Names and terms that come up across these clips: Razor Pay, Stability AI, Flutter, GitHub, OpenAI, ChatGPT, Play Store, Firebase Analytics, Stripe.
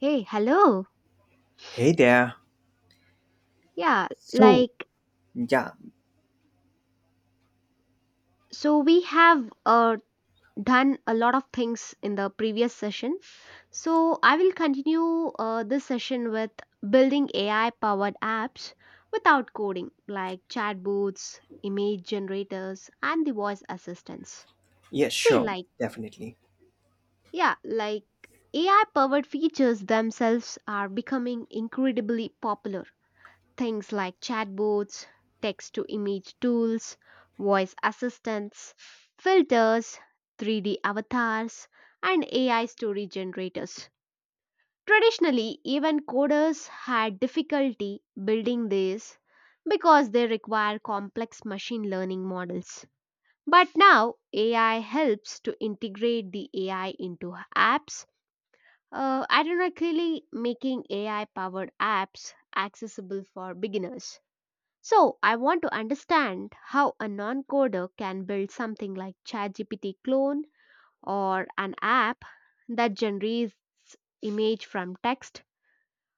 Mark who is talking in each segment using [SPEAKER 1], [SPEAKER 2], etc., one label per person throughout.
[SPEAKER 1] Hey, hello.
[SPEAKER 2] Hey there.
[SPEAKER 1] Yeah,
[SPEAKER 2] So,
[SPEAKER 1] like,
[SPEAKER 2] yeah,
[SPEAKER 1] so we have done a lot of things in the previous session. So I will continue this session with building AI powered apps without coding, like chatbots, image generators, and the voice assistants.
[SPEAKER 2] yeah,
[SPEAKER 1] See,
[SPEAKER 2] sure,
[SPEAKER 1] like,
[SPEAKER 2] definitely.
[SPEAKER 1] yeah, like AI powered features themselves are becoming incredibly popular. Things like chatbots, text to image tools, voice assistants, filters, 3D avatars, and AI story generators. Traditionally, even coders had difficulty building these because they require complex machine learning models. But now, AI helps to integrate the AI into apps, ironically, making AI powered apps accessible for beginners. So, I want to understand how a non coder can build something like ChatGPT clone or an app that generates image from text.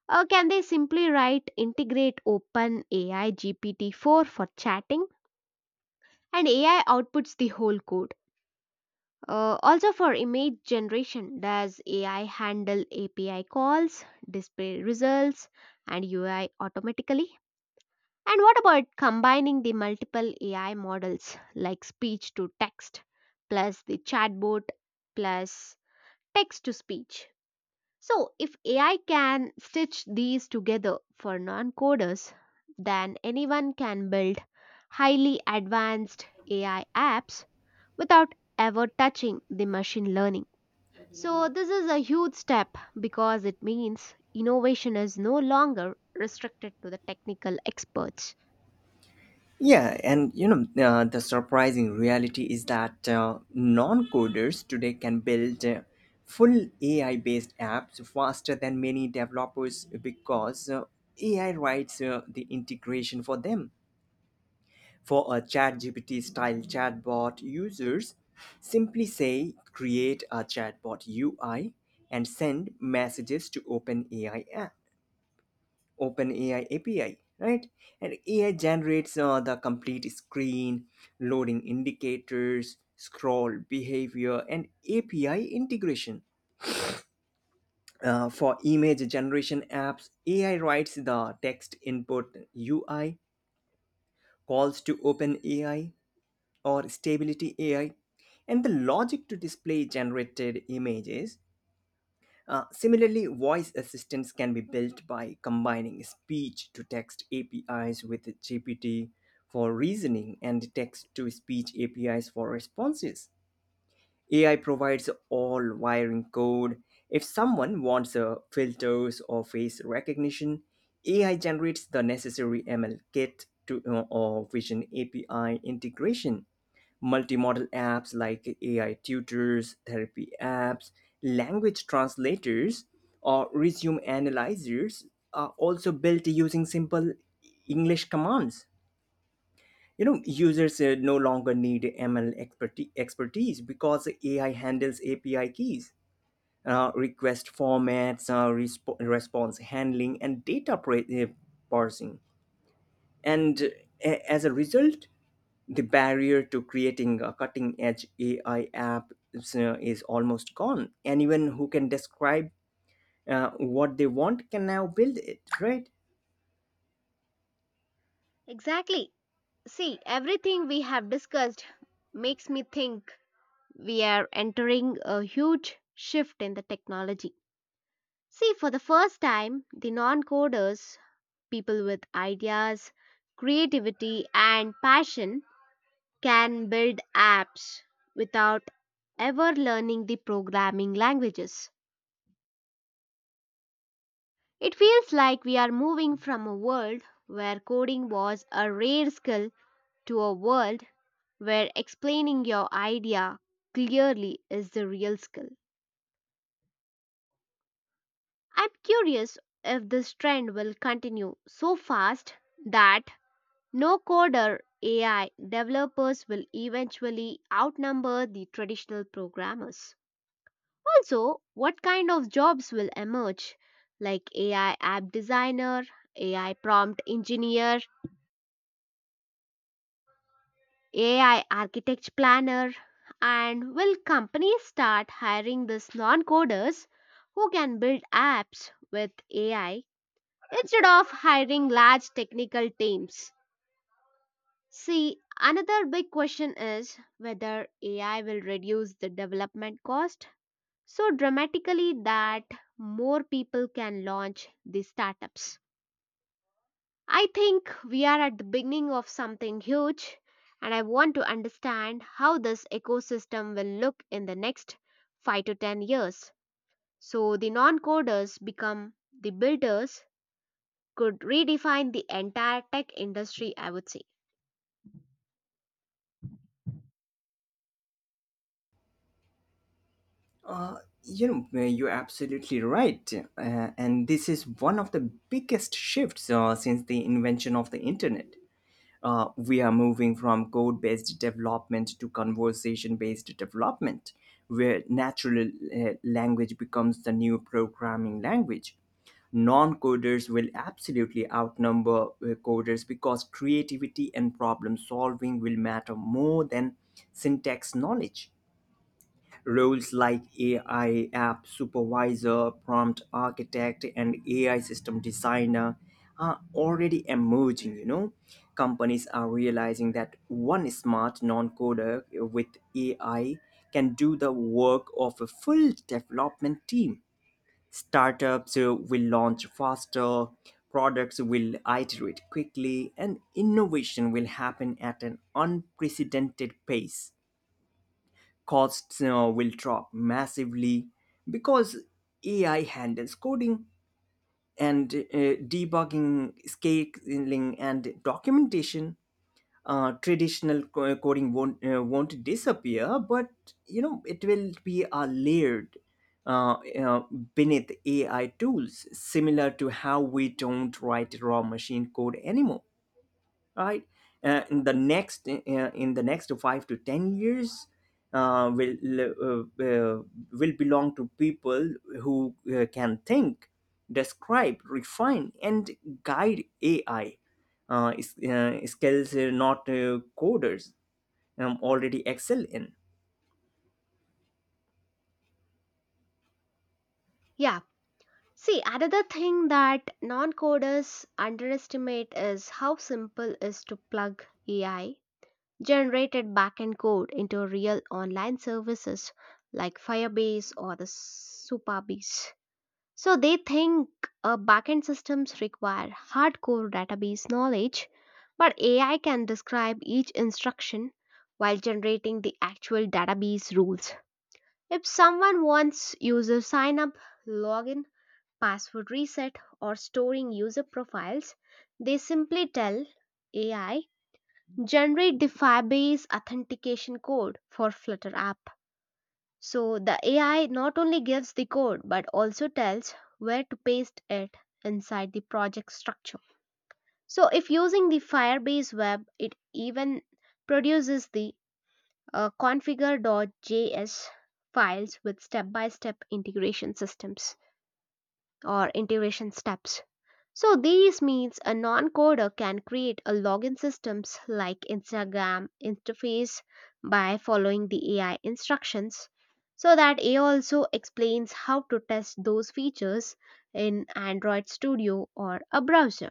[SPEAKER 1] Or can they simply write integrate open AI GPT-4 for chatting and AI outputs the whole code? Also for image generation, does AI handle API calls, display results, and UI automatically? And what about combining the multiple AI models like speech to text, plus the chatbot, plus text to speech? So, if AI can stitch these together for non coders, then anyone can build highly advanced AI apps without ever touching the machine learning. So, this is a huge step because it means innovation is no longer restricted to the technical experts.
[SPEAKER 2] Yeah, and the surprising reality is that non coders today can build full AI based apps faster than many developers because AI writes the integration for them. For a ChatGPT style chatbot, users simply say create a chatbot UI and send messages to OpenAI API, right? And AI generates the complete screen, loading indicators, scroll behavior, and API integration. For image generation apps, AI writes the text input UI, calls to OpenAI or Stability AI, and the logic to display generated images. Similarly, voice assistants can be built by combining speech to text APIs with GPT for reasoning and text to speech APIs for responses. AI provides all wiring code. If someone wants filters or face recognition, AI generates the necessary ML kit or Vision API integration. Multimodal apps like AI tutors, therapy apps, language translators, or resume analyzers are also built using simple English commands. You know, users no longer need ML expertise because AI handles API keys, request formats, response handling, and parsing. And uh, as a result, the barrier to creating a cutting edge AI app is almost gone. Anyone who can describe what they want can now build it, right?
[SPEAKER 1] Exactly. See, everything we have discussed makes me think we are entering a huge shift in the technology. See, for the first time, the non coders, people with ideas, creativity, and passion, can build apps without ever learning the programming languages. It feels like we are moving from a world where coding was a rare skill to a world where explaining your idea clearly is the real skill. I'm curious if this trend will continue so fast that no coder AI developers will eventually outnumber the traditional programmers. Also, what kind of jobs will emerge like AI app designer, AI prompt engineer, AI architect planner, and will companies start hiring these non coders who can build apps with AI instead of hiring large technical teams? See, another big question is whether AI will reduce the development cost so dramatically that more people can launch these startups. I think we are at the beginning of something huge, and I want to understand how this ecosystem will look in the next 5 to 10 years. So the non coders become the builders could redefine the entire tech industry, I would say.
[SPEAKER 2] Uh, you're absolutely right. And this is one of the biggest shifts since the invention of the internet. We are moving from code based development to conversation based development, where natural language becomes the new programming language. Non coders will absolutely outnumber coders because creativity and problem solving will matter more than syntax knowledge. Roles like AI app supervisor, prompt architect, and AI system designer are already emerging. You know, companies are realizing that one smart non-coder with AI can do the work of a full development team. Startups will launch faster, products will iterate quickly, and innovation will happen at an unprecedented pace. Costs will drop massively because AI handles coding and debugging, scaling, and documentation. Traditional coding won't disappear, but you know it will be a layered uh, uh, beneath AI tools, similar to how we don't write raw machine code anymore, right? In the next 5 to 10 years, uh, will uh, uh, will belong to people who can think, describe, refine, and guide AI. Skills not coders already excel in.
[SPEAKER 1] Yeah. See, another thing that non coders underestimate is how simple is to plug AI generated backend code into real online services like Firebase or the Supabase. So they think backend systems require hardcore database knowledge, but AI can describe each instruction while generating the actual database rules. If someone wants user sign up, login, password reset, or storing user profiles, they simply tell AI generate the Firebase authentication code for Flutter app. So the AI not only gives the code but also tells where to paste it inside the project structure. So if using the Firebase web, it even produces the configure.js files with step-by-step integration systems or integration steps. So these means a non-coder can create a login systems like Instagram interface by following the AI instructions so that AI also explains how to test those features in Android Studio or a browser.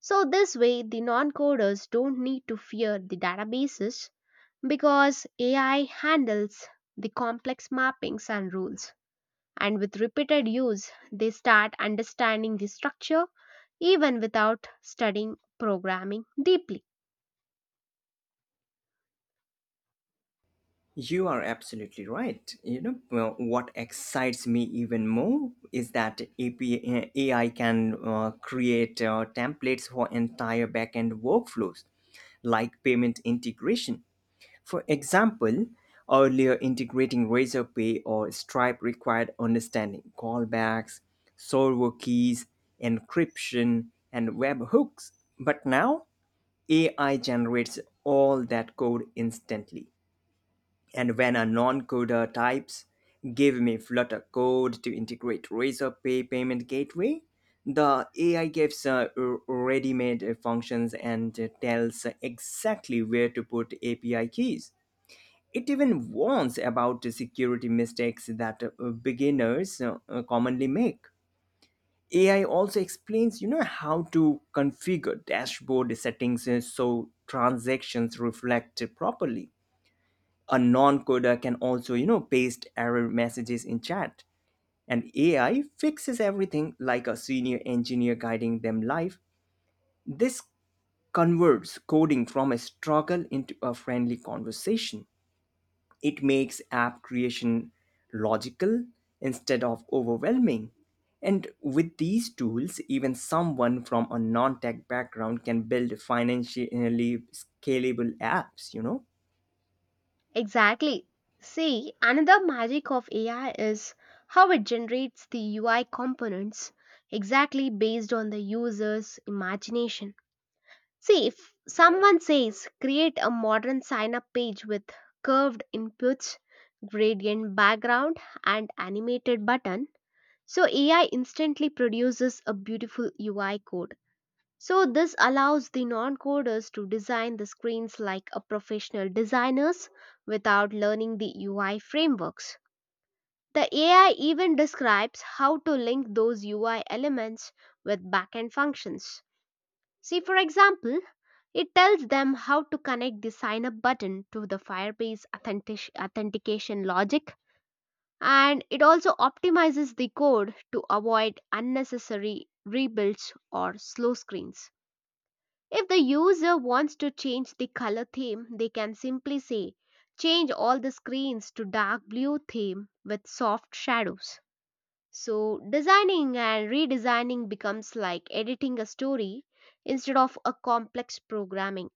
[SPEAKER 1] So this way the non-coders don't need to fear the databases because AI handles the complex mappings and rules and with repeated use, they start understanding the structure even without studying programming deeply.
[SPEAKER 2] You are absolutely right. You know, well, what excites me even more is that AI can create templates for entire backend workflows, like payment integration. For example, earlier integrating Razor Pay or Stripe required understanding callbacks, server keys, encryption, and webhooks. But now AI generates all that code instantly. And when a non-coder types, give me Flutter code to integrate Razor Pay payment gateway, the AI gives ready-made functions and tells exactly where to put API keys. It even warns about the security mistakes that beginners commonly make. AI also explains, you know, how to configure dashboard settings so transactions reflect properly. A non-coder can also, you know, paste error messages in chat, and AI fixes everything like a senior engineer guiding them live. This converts coding from a struggle into a friendly conversation. It makes app creation logical instead of overwhelming, and with these tools even someone from a non-tech background can build financially scalable apps, you know.
[SPEAKER 1] Exactly. See, another magic of AI is how it generates the UI components exactly based on the user's imagination. See, if someone says create a modern sign up page with curved inputs, gradient background, and animated button, so AI instantly produces a beautiful UI code. So this allows the non-coders to design the screens like a professional designers without learning the UI frameworks. The AI even describes how to link those UI elements with backend functions. See, for example, it tells them how to connect the sign up button to the Firebase authentication logic and it also optimizes the code to avoid unnecessary rebuilds or slow screens. If the user wants to change the color theme, they can simply say change all the screens to dark blue theme with soft shadows. So, designing and redesigning becomes like editing a story instead of a complex programming.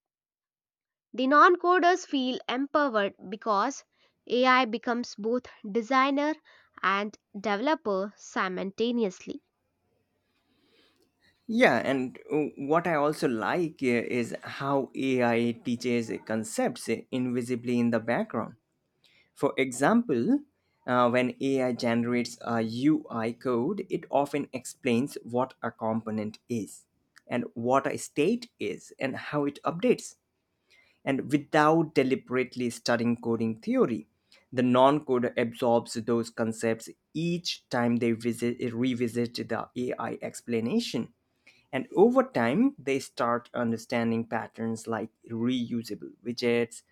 [SPEAKER 1] The non coders feel empowered because AI becomes both designer and developer simultaneously.
[SPEAKER 2] Yeah, and what I also like is how AI teaches concepts invisibly in the background. For example, when AI generates a UI code, it often explains what a component is, and what a state is, and how it updates. And without deliberately studying coding theory, the non coder absorbs those concepts each time they revisit the AI explanation. And over time, they start understanding patterns like reusable widgets,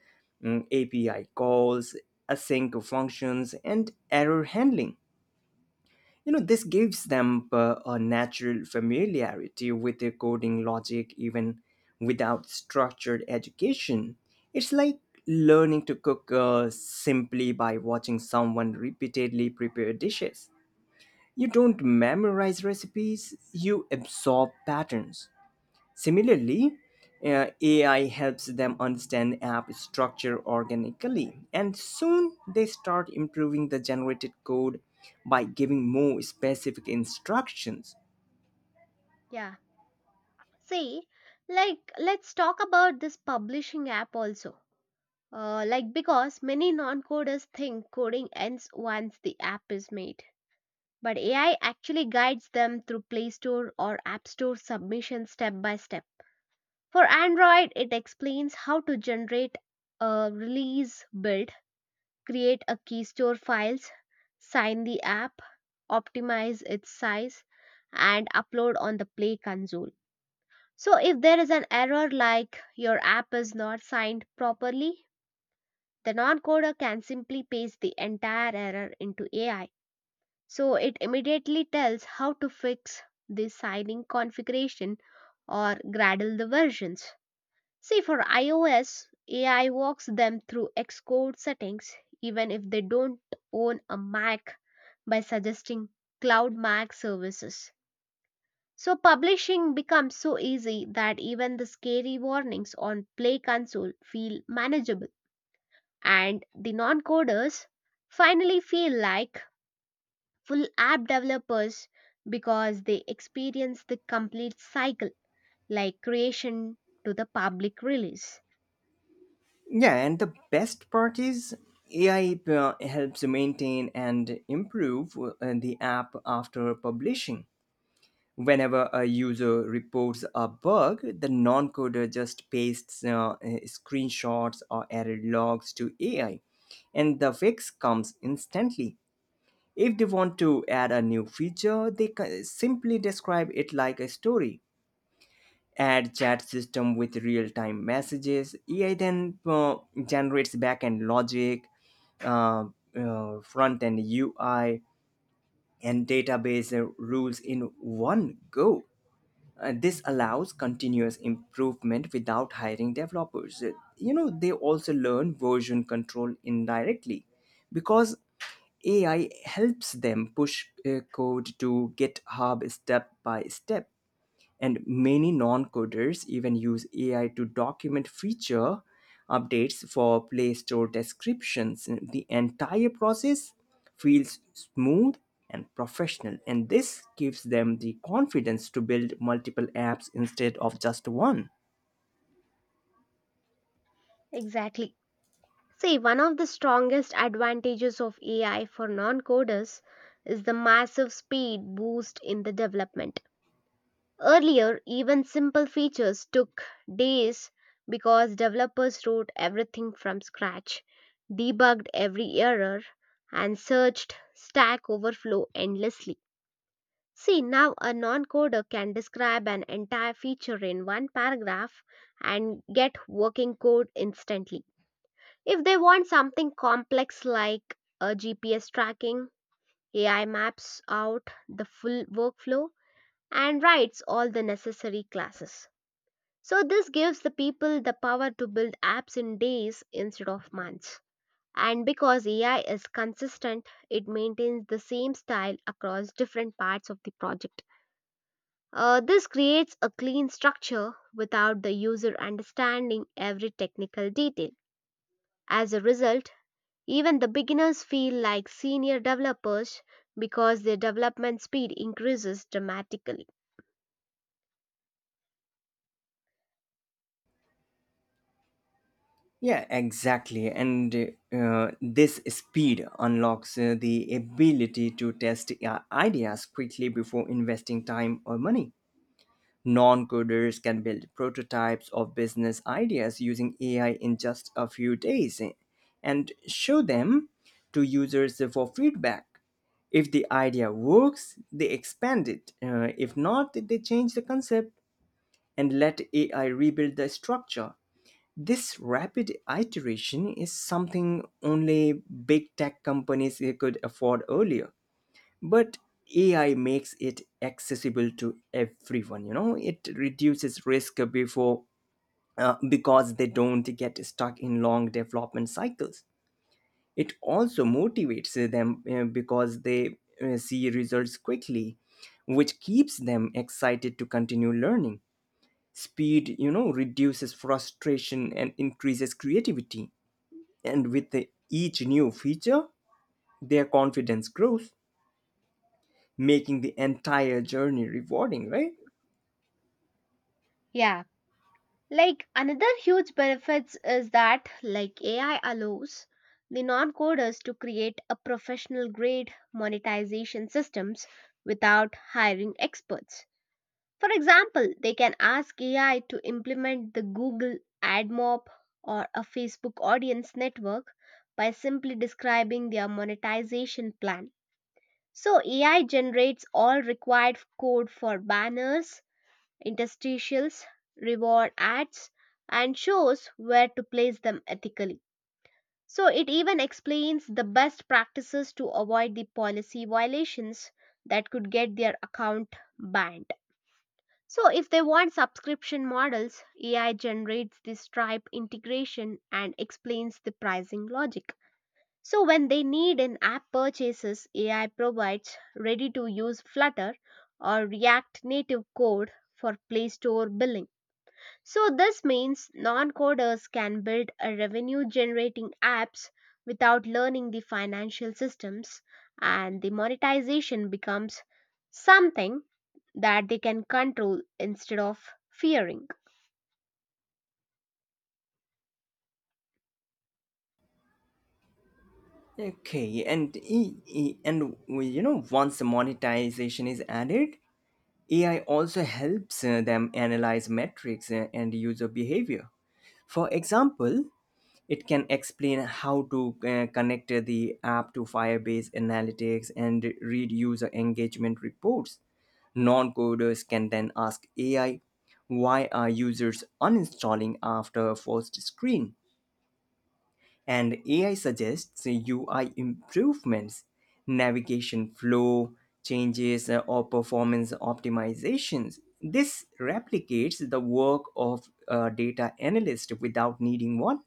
[SPEAKER 2] API calls, async functions, and error handling. You know, this gives them a natural familiarity with the coding logic even without structured education. It's like learning to cook simply by watching someone repeatedly prepare dishes. You don't memorize recipes, you absorb patterns. Similarly, AI helps them understand app structure organically, and soon they start improving the generated code by giving more specific instructions.
[SPEAKER 1] Yeah. See, like, let's talk about this publishing app also. Like, because many non coders think coding ends once the app is made. But AI actually guides them through Play Store or App Store submission step by step. For Android, it explains how to generate, release, build, create a key store files, sign the app, optimize its size, and upload on the Play console. So if there is an error like your app is not signed properly, the non-coder can simply paste the entire error into AI. So it immediately tells how to fix the signing configuration or gradle the versions. See, for iOS, AI walks them through Xcode settings even if they don't own a Mac by suggesting Cloud Mac services. So, publishing becomes so easy that even the scary warnings on Play Console feel manageable. And the non coders finally feel like full app developers because they experience the complete cycle, like creation to the public release.
[SPEAKER 2] Yeah, and the best part is AI helps maintain and improve the app after publishing. Whenever a user reports a bug, the non coder just pastes screenshots or error logs to AI, and the fix comes instantly. If they want to add a new feature, simply describe it like a story. Add chat system with real time messages. AI then generates backend logic, uh, front end UI, and database rules in one go. This allows continuous improvement without hiring developers. You know, they also learn version control indirectly because AI helps them push code to GitHub step by step, and many non-coders even use AI to document feature updates for Play Store descriptions. The entire process feels smooth and professional, and this gives them the confidence to build multiple apps instead of just one.
[SPEAKER 1] Exactly. See, one of the strongest advantages of AI for non coders is the massive speed boost in the development. Earlier, even simple features took days because developers wrote everything from scratch, debugged every error, and searched Stack Overflow endlessly. See, now a non coder can describe an entire feature in one paragraph and get working code instantly. If they want something complex like a GPS tracking, AI maps out the full workflow and writes all the necessary classes. So, this gives the people the power to build apps in days instead of months. And because AI is consistent, it maintains the same style across different parts of the project. This creates a clean structure without the user understanding every technical detail. As a result, even the beginners feel like senior developers because their development speed increases dramatically.
[SPEAKER 2] Yeah, exactly. And this speed unlocks the ability to test ideas quickly before investing time or money. Non coders can build prototypes of business ideas using AI in just a few days and show them to users for feedback. If the idea works, they expand it. If not, they change the concept and let AI rebuild the structure. This rapid iteration is something only big tech companies could afford earlier, but AI makes it accessible to everyone, you know. It reduces risk before because they don't get stuck in long development cycles. It also motivates them because they see results quickly, which keeps them excited to continue learning. Speed, you know, reduces frustration and increases creativity, and with each new feature their confidence grows, making the entire journey rewarding, right?
[SPEAKER 1] Yeah, like another huge benefits is that like AI allows the non-coders to create a professional grade monetization systems without hiring experts. For example, they can ask AI to implement the Google AdMob or a Facebook audience network by simply describing their monetization plan. So AI generates all required code for banners, interstitials, reward ads, and shows where to place them ethically. So it even explains the best practices to avoid the policy violations that could get their account banned. So if they want subscription models, AI generates the Stripe integration and explains the pricing logic. So when they need an app purchases, AI provides ready to use Flutter or React Native code for Play Store billing. So this means non-coders can build a revenue generating apps without learning the financial systems and the monetization becomes something that they can control instead of fearing.
[SPEAKER 2] Okay, and e- e- and we- You know, once the monetization is added, AI also helps them analyze metrics and user behavior. For example, it can explain how to connect the app to Firebase Analytics and read user engagement reports. Non-coders can then ask AI, "Why are users uninstalling after first screen?" and AI suggests UI improvements, navigation flow changes, or performance optimizations. This replicates the work of a data analyst without needing one.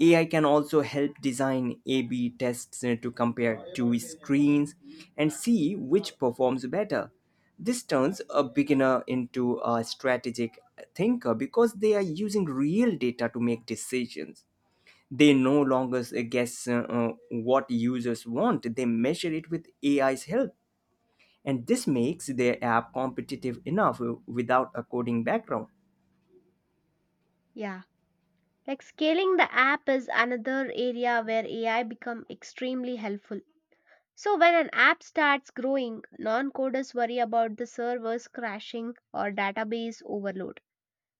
[SPEAKER 2] AI can also help design A/B tests to compare two screens and see which performs better. This turns a beginner into a strategic thinker because they are using real data to make decisions. They no longer guess what users want, they measure it with AI's help, and this makes their app competitive enough without a coding background.
[SPEAKER 1] Yeah. Like scaling the app is another area where AI become extremely helpful. So, when an app starts growing, non coders worry about the servers crashing or database overload.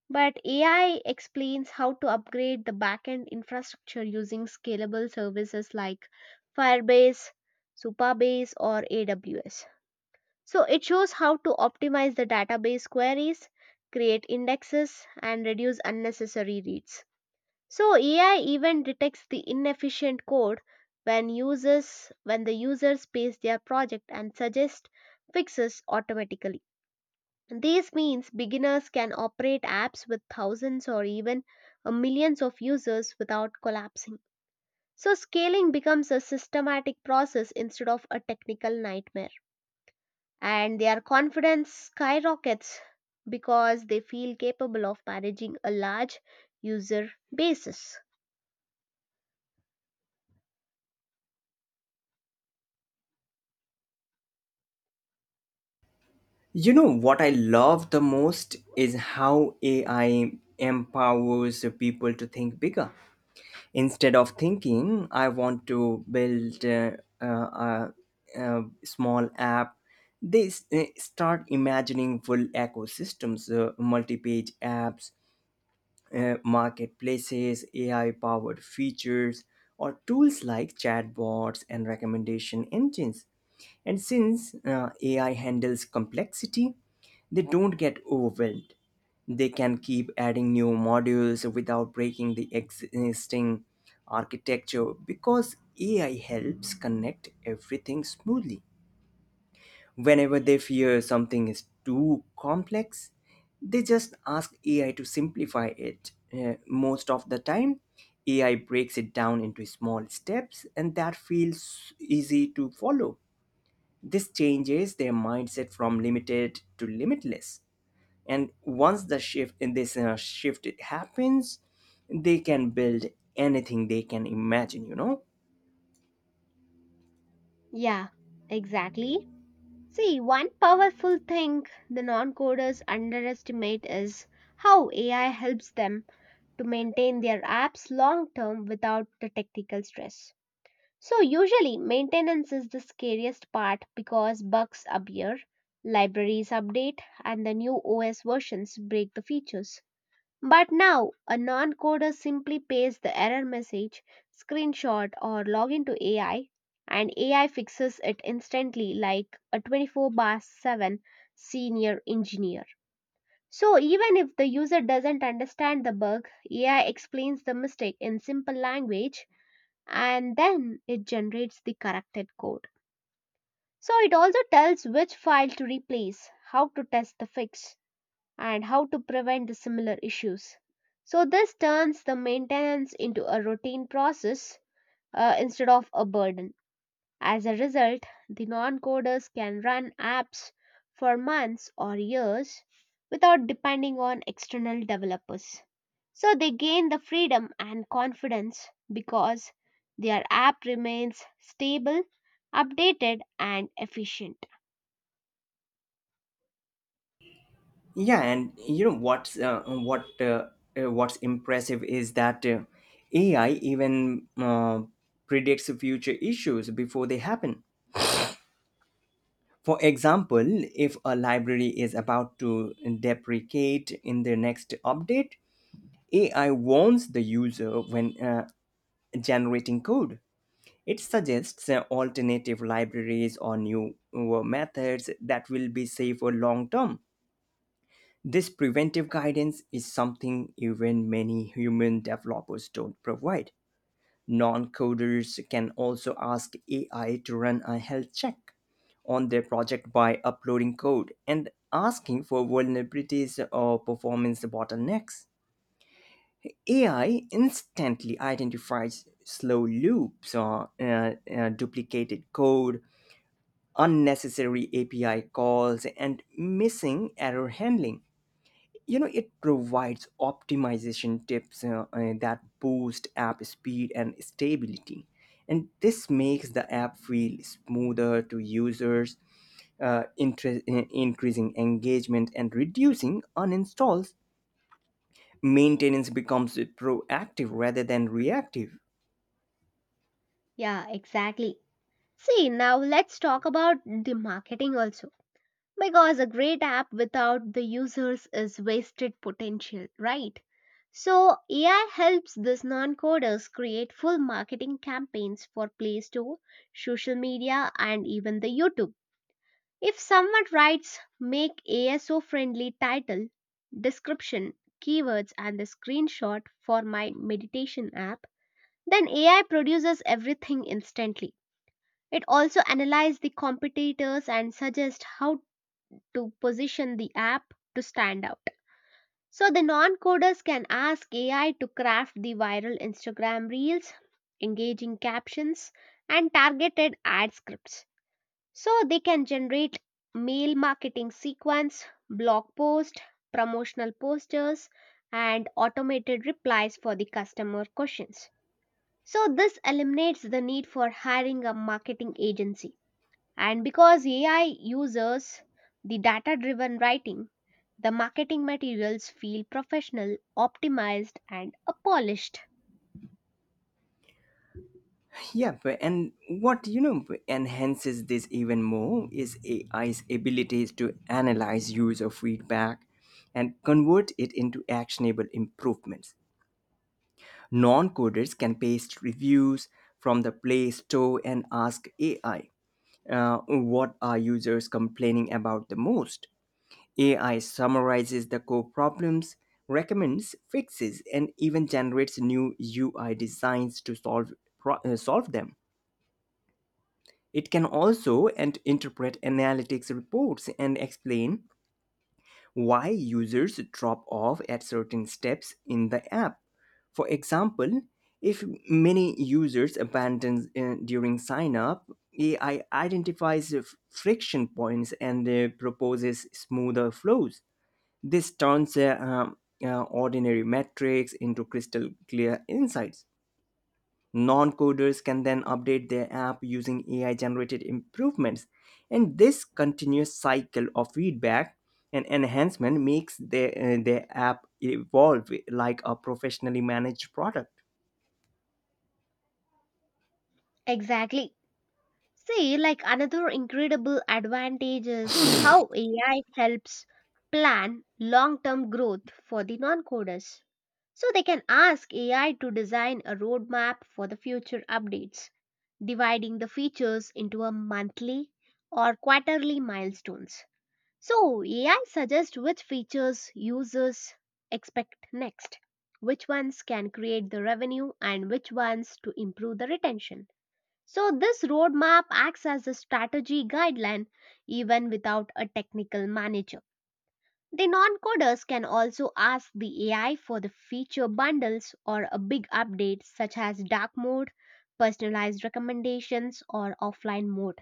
[SPEAKER 1] But AI explains how to upgrade the backend infrastructure using scalable services like Firebase, Supabase, or AWS. So, it shows how to optimize the database queries, create indexes, and reduce unnecessary reads. So AI even detects the inefficient code when the users space their project and suggest fixes automatically. This means beginners can operate apps with thousands or even millions of users without collapsing. So scaling becomes a systematic process instead of a technical nightmare. And their confidence skyrockets because they feel capable of managing a large user basis.
[SPEAKER 2] You know what I love the most is how AI empowers the people to think bigger. Instead of thinking I want to build uh, a, a small app, they start imagining full ecosystems, multi-page apps, marketplaces, AI powered features, or tools like chatbots and recommendation engines. And since AI handles complexity, they don't get overwhelmed. They can keep adding new modules without breaking the existing architecture because AI helps connect everything smoothly. Whenever they fear something is too complex, they just ask AI to simplify it. Most of the time, AI breaks it down into small steps, and that feels easy to follow. This changes their mindset from limited to limitless. And once the shift in this shift happens, they can build anything they can imagine, you know.
[SPEAKER 1] Yeah, exactly. See, one powerful thing the non coders underestimate is how AI helps them to maintain their apps long term without the technical stress. So, usually, maintenance is the scariest part because bugs appear, libraries update, and the new OS versions break the features. But now, a non coder simply pastes the error message, screenshot, or log into AI, and AI fixes it instantly like a 24 bar 7 senior engineer. So, even if the user doesn't understand the bug, AI explains the mistake in simple language and then it generates the corrected code. So, it also tells which file to replace, how to test the fix, and how to prevent the similar issues. So this turns the maintenance into a routine process instead of a burden. As a result, the non-coders can run apps for months or years without depending on external developers. So they gain the freedom and confidence because their app remains stable, updated, and efficient.
[SPEAKER 2] Yeah, and you know what's impressive is that AI even predicts future issues before they happen. For example, if a library is about to deprecate in the next update, AI warns the user when generating code. It suggests alternative libraries or new methods that will be safer long term. This preventive guidance is something even many human developers don't provide. Non coders can also ask AI to run a health check on their project by uploading code and asking for vulnerabilities or performance bottlenecks. AI instantly identifies slow loops or duplicated code, unnecessary API calls, and missing error handling. You know, it provides optimization tips that boost app speed and stability, and this makes the app feel smoother to users, increasing engagement and reducing uninstalls. Maintenance becomes proactive rather than reactive.
[SPEAKER 1] Yeah, exactly. See, now let's talk about the marketing also. Because a great app without the users is wasted potential, right? So, AI helps these non coders create full marketing campaigns for Play Store, social media, and even the YouTube. If someone writes make ASO friendly title, description, keywords, and the screenshot for my meditation app, then AI produces everything instantly. It also analyzes the competitors and suggests how to position the app to stand out. So the non coders can ask AI to craft the viral Instagram reels, engaging captions, and targeted ad scripts. So they can generate mail marketing sequence, blog post, promotional posters, and automated replies for the customer questions. So this eliminates the need for hiring a marketing agency. And because AI uses the data driven writing, the marketing materials feel professional, optimized, and polished.
[SPEAKER 2] Yep, and what you know b- enhances this even more is AI's abilities to analyze user feedback and convert it into actionable improvements. Non coders can paste reviews from the Play Store and ask AI, what are users complaining about the most? AI summarizes the core problems, recommends fixes, and even generates new UI designs to solve them. It can also and interpret analytics reports and explain why users drop off at certain steps in the app. For example, if many users abandon during sign up, AI identifies the friction points and proposes smoother flows. This turns ordinary metrics into crystal clear insights. Non coders can then update their app using AI generated improvements, and this continuous cycle of feedback and enhancement makes their app evolve like a professionally managed product.
[SPEAKER 1] Exactly. See, like another incredible advantage is how AI helps plan long term growth for the non coders. So they can ask AI to design a roadmap for the future updates, dividing the features into a monthly or quarterly milestones. So, AI suggests which features users expect next, which ones can create the revenue, and which ones to improve the retention. So, this roadmap acts as a strategy guideline even without a technical manager. The non coders can also ask the AI for the feature bundles or a big update, such as dark mode, personalized recommendations, or offline mode.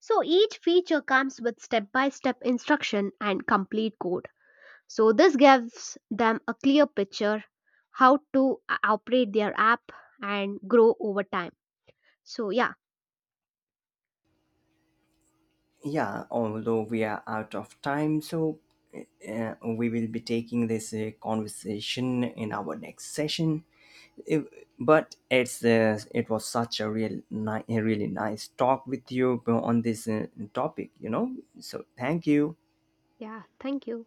[SPEAKER 1] So each feature comes with step by step instruction and complete code. So this gives them a clear picture how to operate their app and grow over time. So yeah,
[SPEAKER 2] Yeah, although we are out of time, so we will be taking this conversation in our next session. If- but it's it was such a real ni- a really nice talk with you on this topic, you know, so thank you.
[SPEAKER 1] yeah, thank you.